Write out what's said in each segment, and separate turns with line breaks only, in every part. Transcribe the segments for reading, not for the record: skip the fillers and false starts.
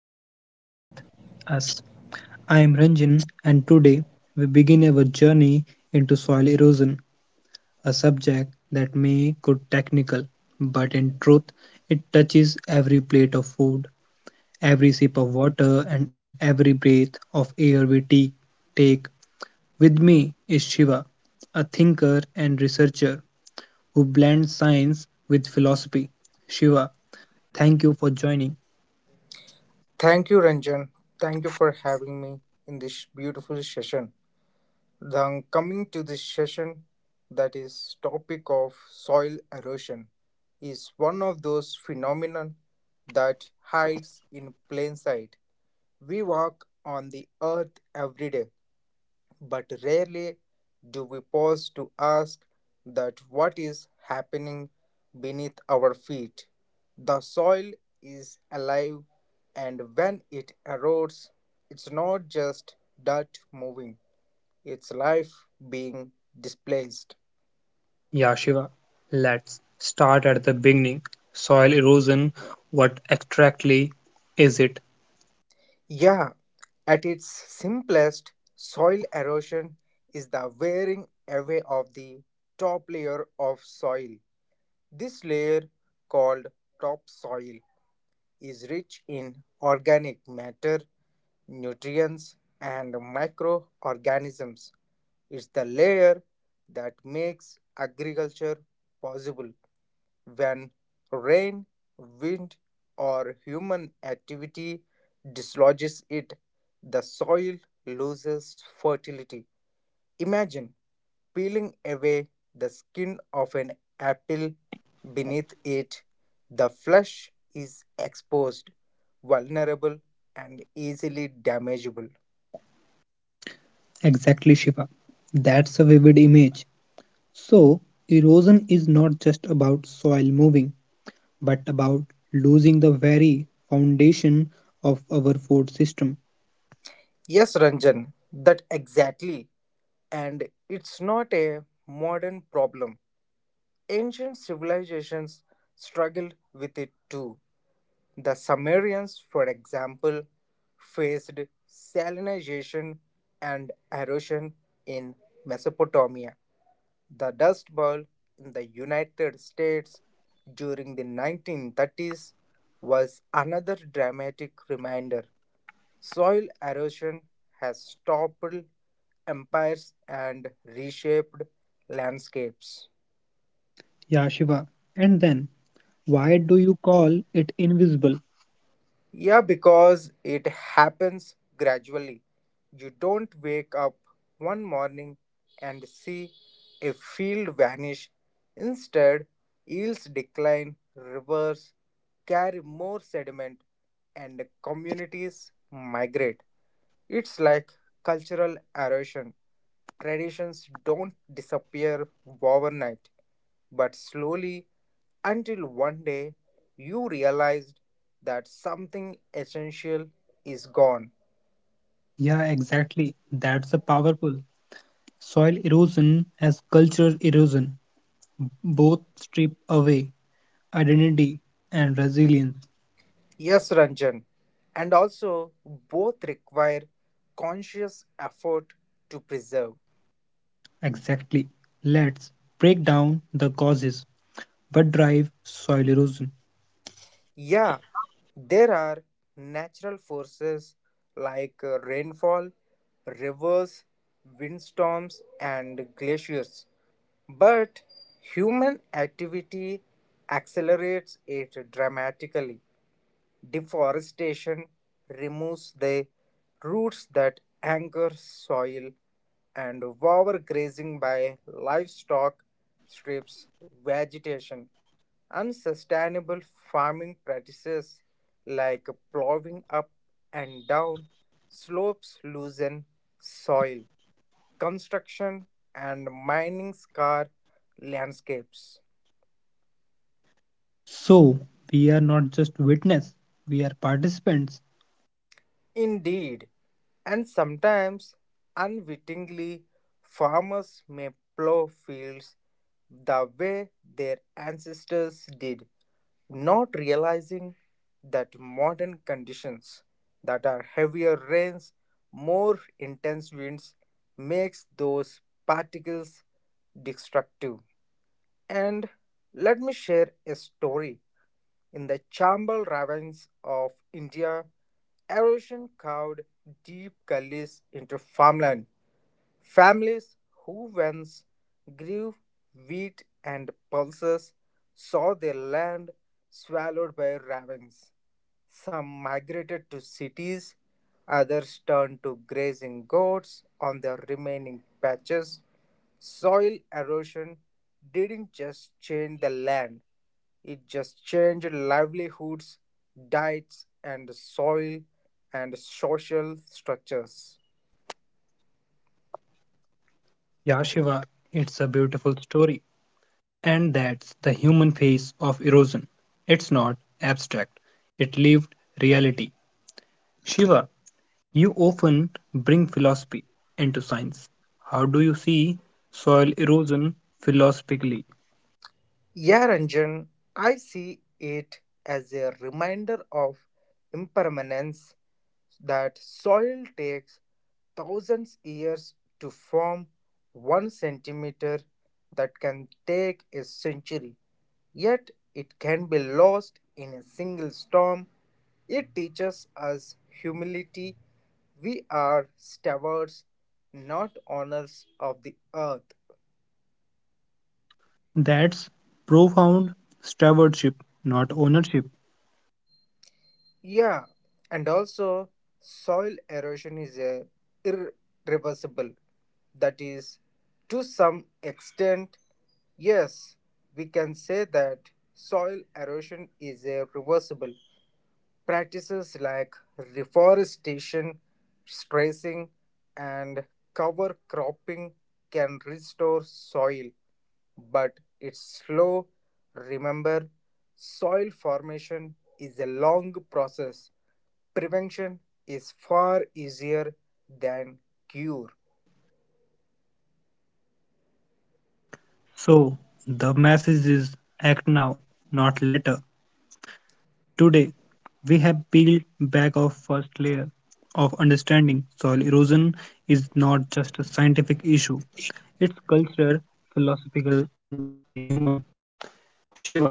the ground beneath us. I am Ranjan and today we begin our journey into soil erosion, a subject that may go technical, but in truth it touches every plate of food, every sip of water and every breath of air we take. With me is Shiva, a thinker and researcher who blends science with philosophy. Shiva, thank you for joining.
Thank you, Ranjan. Thank you for having me in this beautiful session. Then coming to this session, that is topic of soil erosion, is one of those phenomenon that hides in plain sight. We walk on the earth every day, but rarely do we pause to ask that what is happening beneath our feet. The soil is alive, and when it erodes, it's not just dirt moving, it's life being displaced.
Yeah, Shiva, let's start at the beginning. Soil erosion, what exactly is it?
Yeah, at its simplest, soil erosion is the wearing away of the top layer of soil. This layer, called topsoil, is rich in organic matter, nutrients, and microorganisms. It's the layer that makes agriculture possible. When rain, wind, or human activity dislodges it, the soil loses fertility. Imagine peeling away the skin of an apple. Beneath it, the flesh is exposed, vulnerable, and easily damageable.
Exactly, Shiva. That's a vivid image. So, erosion is not just about soil moving, but about losing the very foundation of our food system.
Yes, Ranjan, that exactly. And it's not a modern problem. Ancient civilizations struggled with it too. The Sumerians, for example, faced salinization and erosion in Mesopotamia. The Dust Bowl in the United States during the 1930s was another dramatic reminder. Soil erosion has toppled empires and reshaped landscapes.
Yeah, Shiva. And then, why do you call it invisible?
Yeah, because it happens gradually. You don't wake up one morning and see a field vanish. Instead, yields decline, rivers carry more sediment, and communities migrate. It's like cultural erosion. Traditions don't disappear overnight, but slowly until one day you realized that something essential is gone.
Yeah, exactly. That's a powerful. Soil erosion as cultural erosion. Both strip away identity and resilience.
Yes, Ranjan. And also, both require conscious effort to preserve.
Exactly, let's break down the causes. What drive soil erosion?
Yeah, there are natural forces like rainfall, rivers, windstorms, and glaciers. But human activity accelerates it dramatically. Deforestation removes the roots that anchor soil, and overgrazing by livestock strips vegetation. Unsustainable farming practices like plowing up and down slopes loosen soil. Construction and mining scar landscapes.
So we are not just witness, we are participants.
Indeed, and sometimes unwittingly, farmers may plow fields the way their ancestors did, not realizing that modern conditions that are heavier rains, more intense winds makes those particles destructive. And let me share a story in the Chambal ravines of India, erosion carved deep gullies into farmland. Families who once grew wheat and pulses saw their land swallowed by ravines. Some migrated to cities, others turned to grazing goats on the remaining patches. Soil erosion didn't just change the land, it just changed livelihoods, diets, and soil and social structures.
Yeah, Shiva, it's a beautiful story, and that's the human face of erosion. It's not abstract, it lived reality. Shiva, you often bring philosophy into science. How do you see soil erosion philosophically?
Yeah, Ranjan, I see it as a reminder of impermanence that soil takes thousands years to form 1 centimeter that can take a century. Yet it can be lost in a single storm. It teaches us humility. We are stewards, not owners of the earth.
That's profound. Stewardship, not ownership.
Yeah, and also soil erosion is a irreversible. That is, to some extent, yes, we can say that soil erosion is a reversible. Practices like reforestation, stressing, and cover cropping can restore soil, but it's slow. Remember, soil formation is a long process. Prevention is far easier than cure.
So, the message is act now, not later. Today, we have peeled back our first layer of understanding soil erosion is not just a scientific issue, it's cultural, philosophical, and deeply human. Shiva, thank you for guiding us.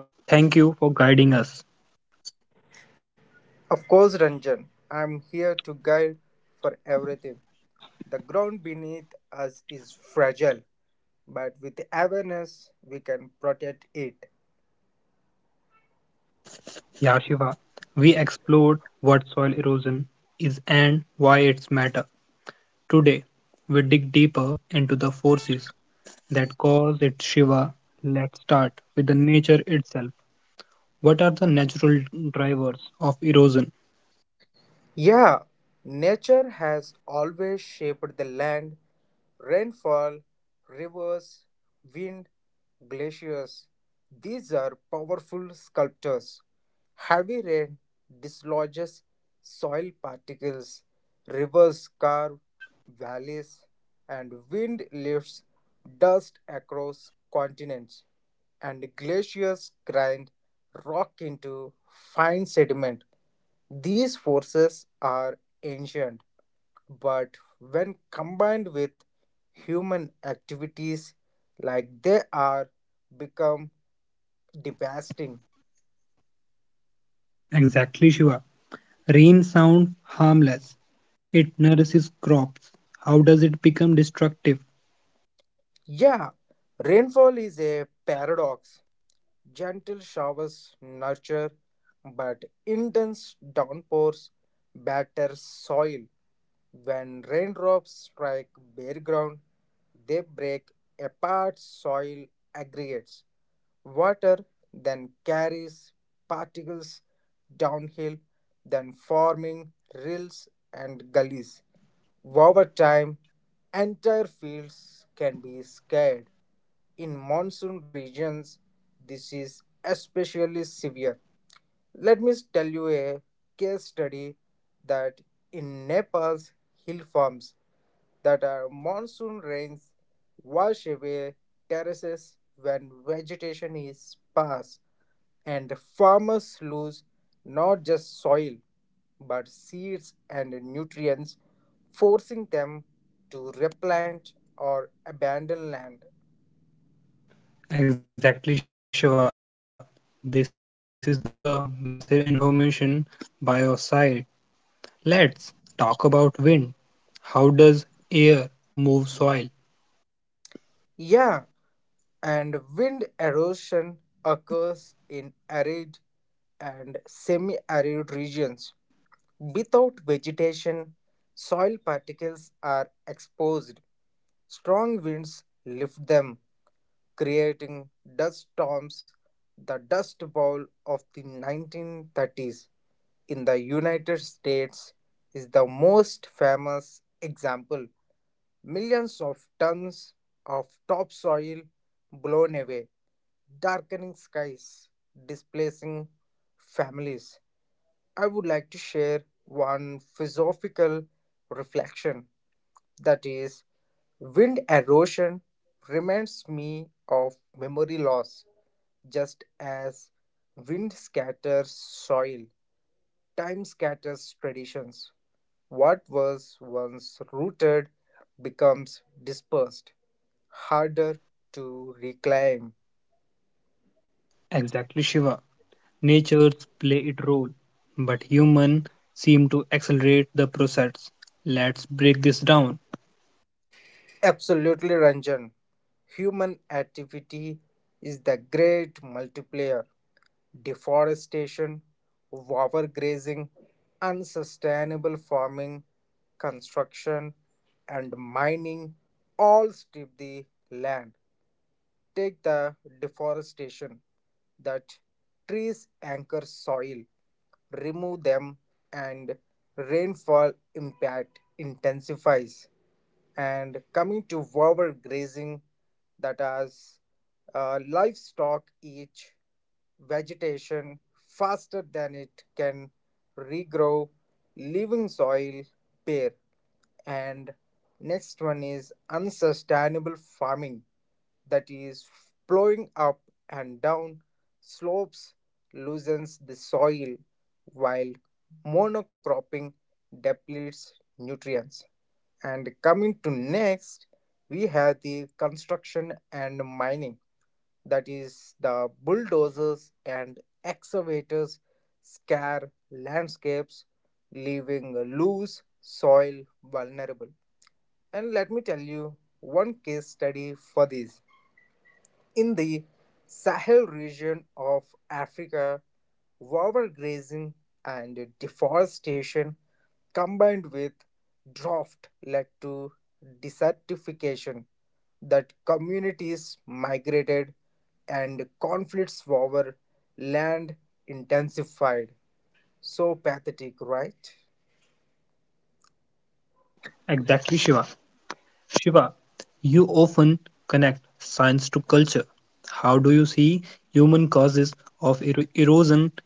Of course, Ranjan, I'm here to guide for everything. The ground beneath us is fragile, but with awareness, we can protect it.
Yeah, Shiva, we explored what soil erosion is and why it's matter. Today, we dig deeper into the forces that cause it. Shiva, let's start with the nature itself. What are the natural drivers of erosion?
Yeah, nature has always shaped the land. Rainfall, rivers, wind, glaciers. These are powerful sculptors. Heavy rain dislodges soil particles, rivers carve valleys, and wind lifts dust across continents, and glaciers grind rock into fine sediment. These forces are ancient, but when combined with human activities like they are become devastating.
Exactly, Shiva. Rain sounds harmless. It nourishes crops. How does it become destructive?
Yeah, rainfall is a paradox. Gentle showers nurture, but intense downpours batter soil. When raindrops strike bare ground, they break apart soil aggregates. Water then carries particles downhill, then forming rills and gullies. Over time, entire fields can be scarred. In monsoon regions, this is especially severe. Let me tell you a case study that in Nepal's hill farms that are monsoon rains wash away terraces when vegetation is sparse. And farmers lose not just soil, but seeds and nutrients, forcing them to replant or abandon land.
Exactly, Shiva. This is the massive information by your side. Let's talk about wind. How does air move soil?
Yeah, and wind erosion occurs in arid and semi arid regions. Without vegetation, soil particles are exposed. Strong winds lift them, creating dust storms, the Dust Bowl of the 1930s in the United States is the most famous example. Millions of tons of topsoil blown away, darkening skies, displacing families. I would like to share one philosophical reflection that is, wind erosion reminds me of memory loss. Just as wind scatters soil, time scatters traditions. What was once rooted becomes dispersed, harder to reclaim.
Exactly, Shiva. Nature play it role, but humans seem to accelerate the process. Let's break this down.
Absolutely, Ranjan. Human activity is the great multiplier. Deforestation, overgrazing, unsustainable farming, construction, and mining all strip the land. Take the deforestation that trees anchor soil, remove them, and rainfall impact intensifies. And coming to overgrazing, that as livestock eat vegetation faster than it can regrow, leaving soil bare. And next one is unsustainable farming, that is, plowing up and down slopes loosens the soil while monocropping depletes nutrients. And coming to next, we have the construction and mining, that is, the bulldozers and excavators scar landscapes, leaving loose soil vulnerable. And let me tell you one case study for this. In the Sahel region of Africa, overgrazing and deforestation combined with drought led to desertification that communities migrated and conflicts over land intensified. So pathetic, right?
Exactly, Shiva. Shiva, you often connect science to culture. How do you see human causes of erosion in the light?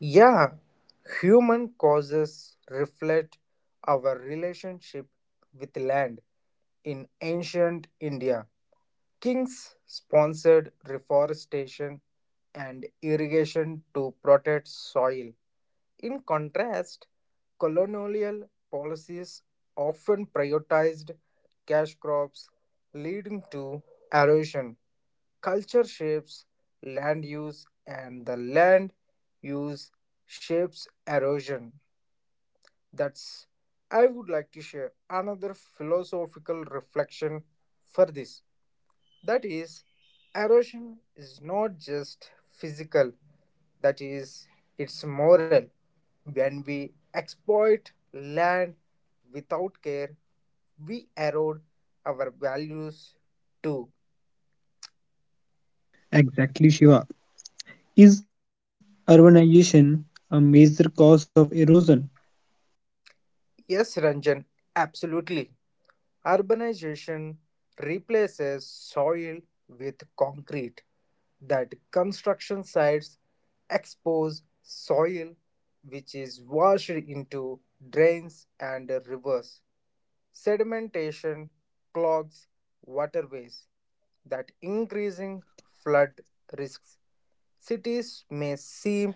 Yeah, human causes reflect our relationship with land. In ancient India, kings sponsored reforestation and irrigation to protect soil. In contrast, colonial policies often prioritized cash crops, leading to erosion. Culture shapes land use, and the land use shapes erosion. That's I would like to share another philosophical reflection for this. That is, erosion is not just physical, that is, it's moral. When we exploit land without care, we erode our values too.
Exactly, Shiva. Is urbanization a major cause of erosion?
Yes, Ranjan, absolutely. Urbanization replaces soil with concrete, that construction sites expose soil which is washed into drains and rivers. Sedimentation clogs waterways that increasing flood risks. Cities may seem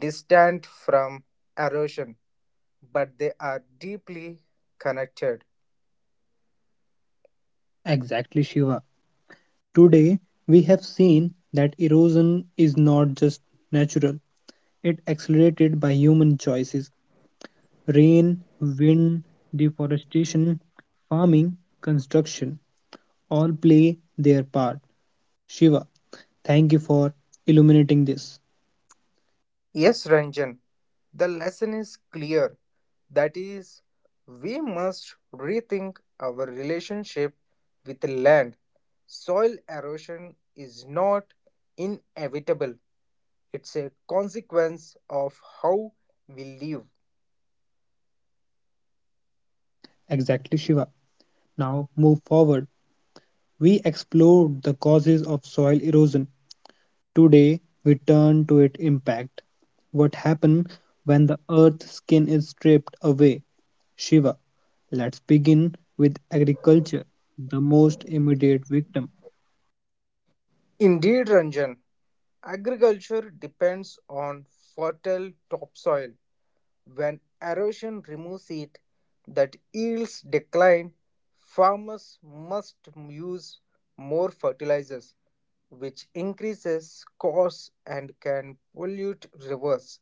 distant from erosion, but they are deeply connected.
Exactly, Shiva. Today, we have seen that erosion is not just natural, it accelerated by human choices: rain, wind, deforestation, farming, construction all play their part. Shiva, thank you for illuminating this.
Yes, Ranjan, the lesson is clear that is, we must rethink our relationship with land. Soil erosion is not inevitable, it's a consequence of how we live.
Exactly, Shiva. Now move forward. We explored the causes of soil erosion. Today, we turn to its impact. What happens when the earth's skin is stripped away? Shiva, let's begin with agriculture, the most immediate victim.
Indeed, Ranjan, agriculture depends on fertile topsoil. When erosion removes it, that yields decline, farmers must use more fertilizers, which increases costs and can pollute rivers.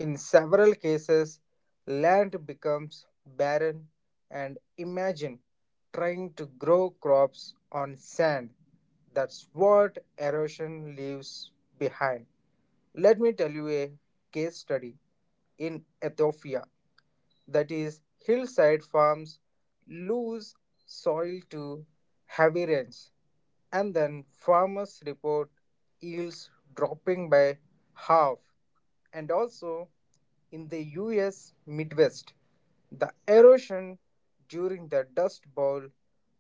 In several cases, land becomes barren and imagine trying to grow crops on sand. That's what erosion leaves behind. Let me tell you a case study in Ethiopia that is, hillside farms lose soil to heavy rains, and then farmers report yields dropping by half. And also in the US Midwest, the erosion during the Dust Bowl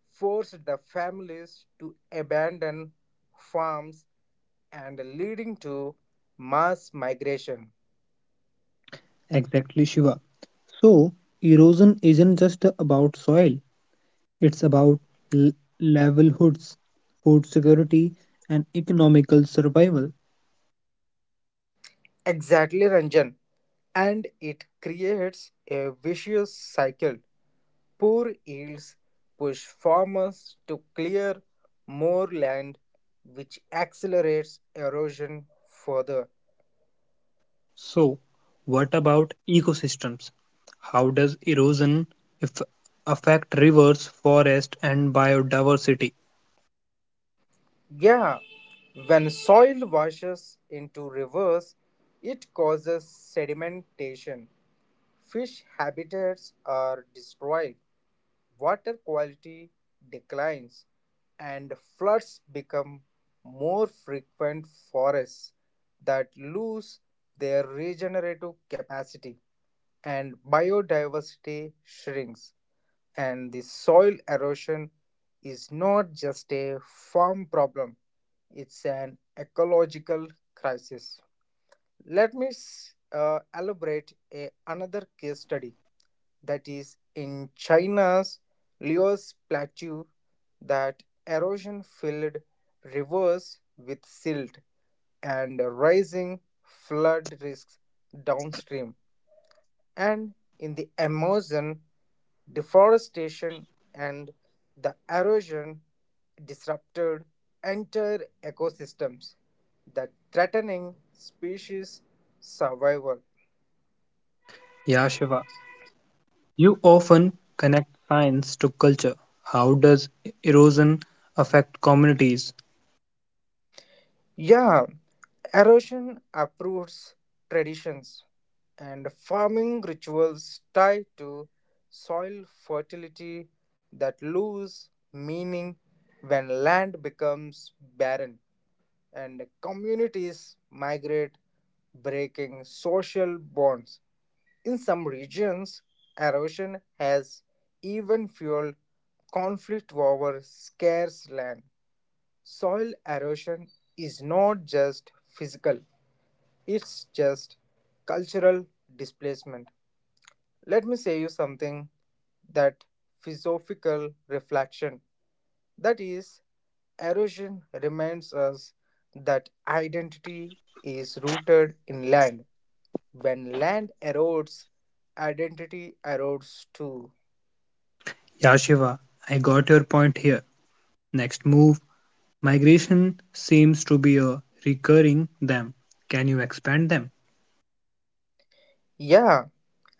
forced the families to abandon farms and leading to mass migration.
Exactly, Shiva. So, erosion isn't just about soil, it's about l- level food security, and economical survival.
Exactly, Ranjan. And it creates a vicious cycle. Poor yields push farmers to clear more land, which accelerates erosion further.
So, what about ecosystems? How does erosion if affect rivers, forests, and biodiversity?
Yeah, when soil washes into rivers, it causes sedimentation. Fish habitats are destroyed, water quality declines and floods become more frequent forests that lose their regenerative capacity and biodiversity shrinks and the soil erosion is not just a farm problem, it's an ecological crisis. Let me elaborate another case study that is in China's Liu's plateau that erosion filled rivers with silt and rising flood risks downstream, and in the Amazon deforestation and the erosion disrupted entire ecosystems that threatening species survival.
Yeah, Shiva, you often connect science to culture. How does erosion affect communities?
Yeah, erosion uproots traditions and farming rituals tied to soil fertility that lose meaning when land becomes barren and communities migrate, breaking social bonds. In some regions, erosion has even fueled conflict over scarce land. Soil erosion is not just physical, it's just cultural displacement. Let me say you something that philosophical reflection that is erosion reminds us that identity is rooted in land when land erodes identity erodes too.
Yeah, Shiva, I got your point here. Next move, migration seems to be a recurring them. Can you expand them?
Yeah,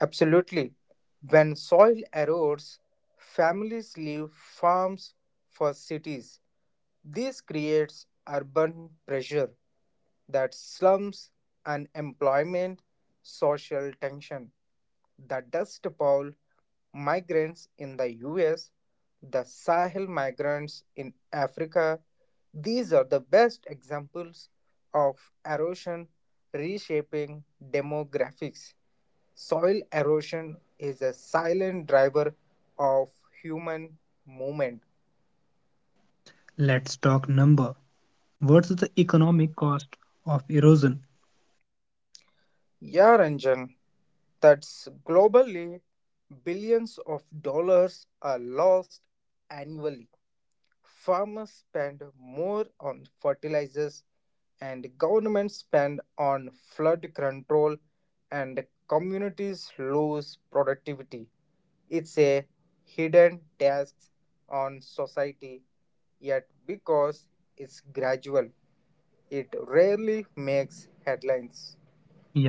absolutely. When soil erodes, families leave farms for cities. This creates urban pressure that slums, unemployment, social tension. The dust bowl migrants in the US, the Sahel migrants in Africa, these are the best examples of erosion reshaping demographics. Soil erosion is a silent driver of human movement.
Let's talk number. What's the economic cost of erosion?
Yeah, Ranjan, that's globally billions of dollars are lost annually. Farmers spend more on fertilizers and governments spend on flood control and communities lose productivity. It's a hidden tax on society, yet because it's gradual, it rarely makes headlines.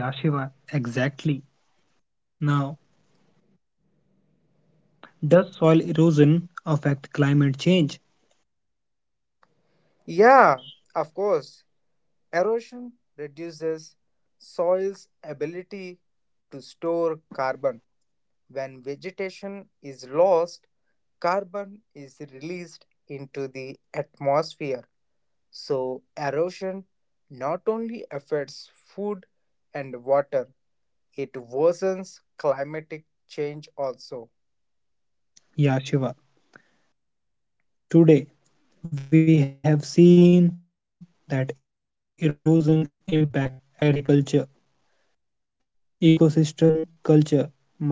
Yeah, Shiva, exactly. Now, does soil erosion affect climate change?
Yeah, of course. Erosion reduces soil's ability to store carbon. When vegetation is lost, carbon is released into the atmosphere. So, erosion not only affects food and water, it worsens climatic change also.
Yeah, Shiva. Today, we have seen that erosion impacts agriculture, ecosystem, culture, migration, and even climate.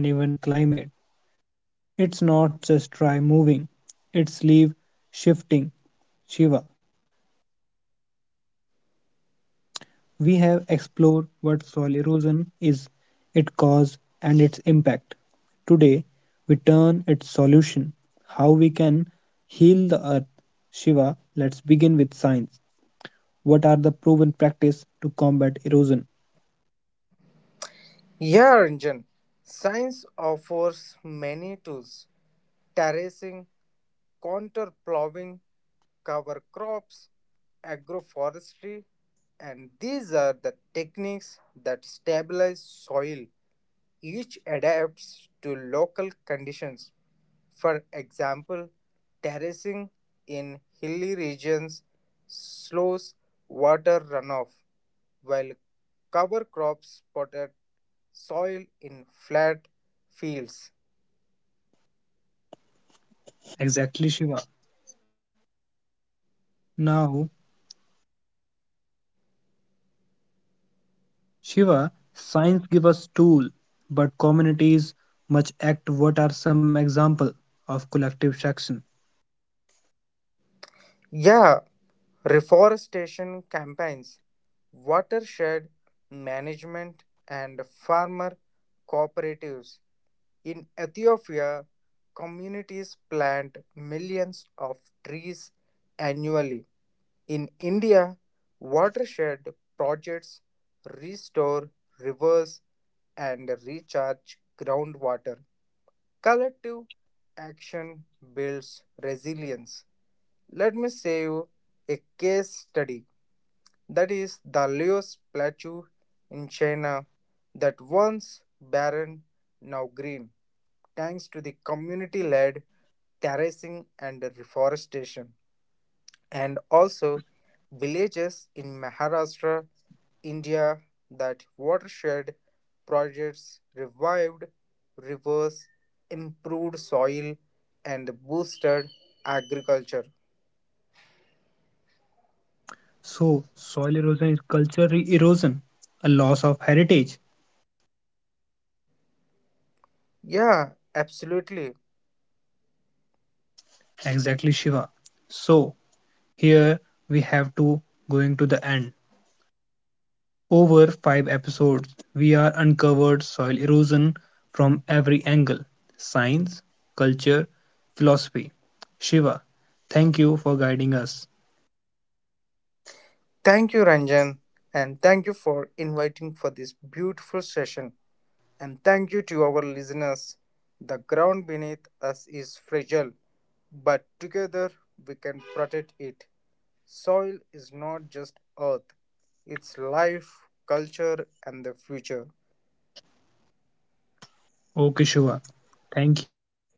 It's not just dry moving, it's leaf shifting. Shiva, we have explored what soil erosion is, its cause, and its impact. Today, we turn its solution, how we can heal the earth. Shiva, let's begin with science. What are the proven practice to combat erosion?
Yeah, Ranjan, science offers many tools terracing, contour plowing, cover crops, agroforestry, and these are the techniques that stabilize soil. Each adapts to local conditions, for example, terracing in hilly regions slows water runoff, while cover crops spotted soil in flat fields.
Exactly, Shiva. Now, Shiva, science give us tool, but communities must act. What are some example of collective action?
Yeah, reforestation campaigns, watershed management, and farmer cooperatives. In Ethiopia, communities plant millions of trees annually. In India, watershed projects restore rivers and recharge groundwater. Collective action builds resilience. Let me say you a case study that is the Leo statue in China that once barren now green thanks to the community led terracing and reforestation. And also, villages in Maharashtra, India, that watershed projects revived rivers, improved soil, and boosted agriculture.
So, soil erosion is culture erosion, a loss of heritage.
Yeah, absolutely.
Exactly, Shiva. So, here we have to going to the end. Over 5 episodes, we are uncovered soil erosion from every angle: science, culture, philosophy. Shiva, thank you for guiding us.
Thank you, Ranjan, and thank you for inviting for this beautiful session. And thank you to our listeners. The ground beneath us is fragile, but together we can protect it. Soil is not just earth, it's life, culture, and the future.
Okay, Shiva. Thank you. Goodbye.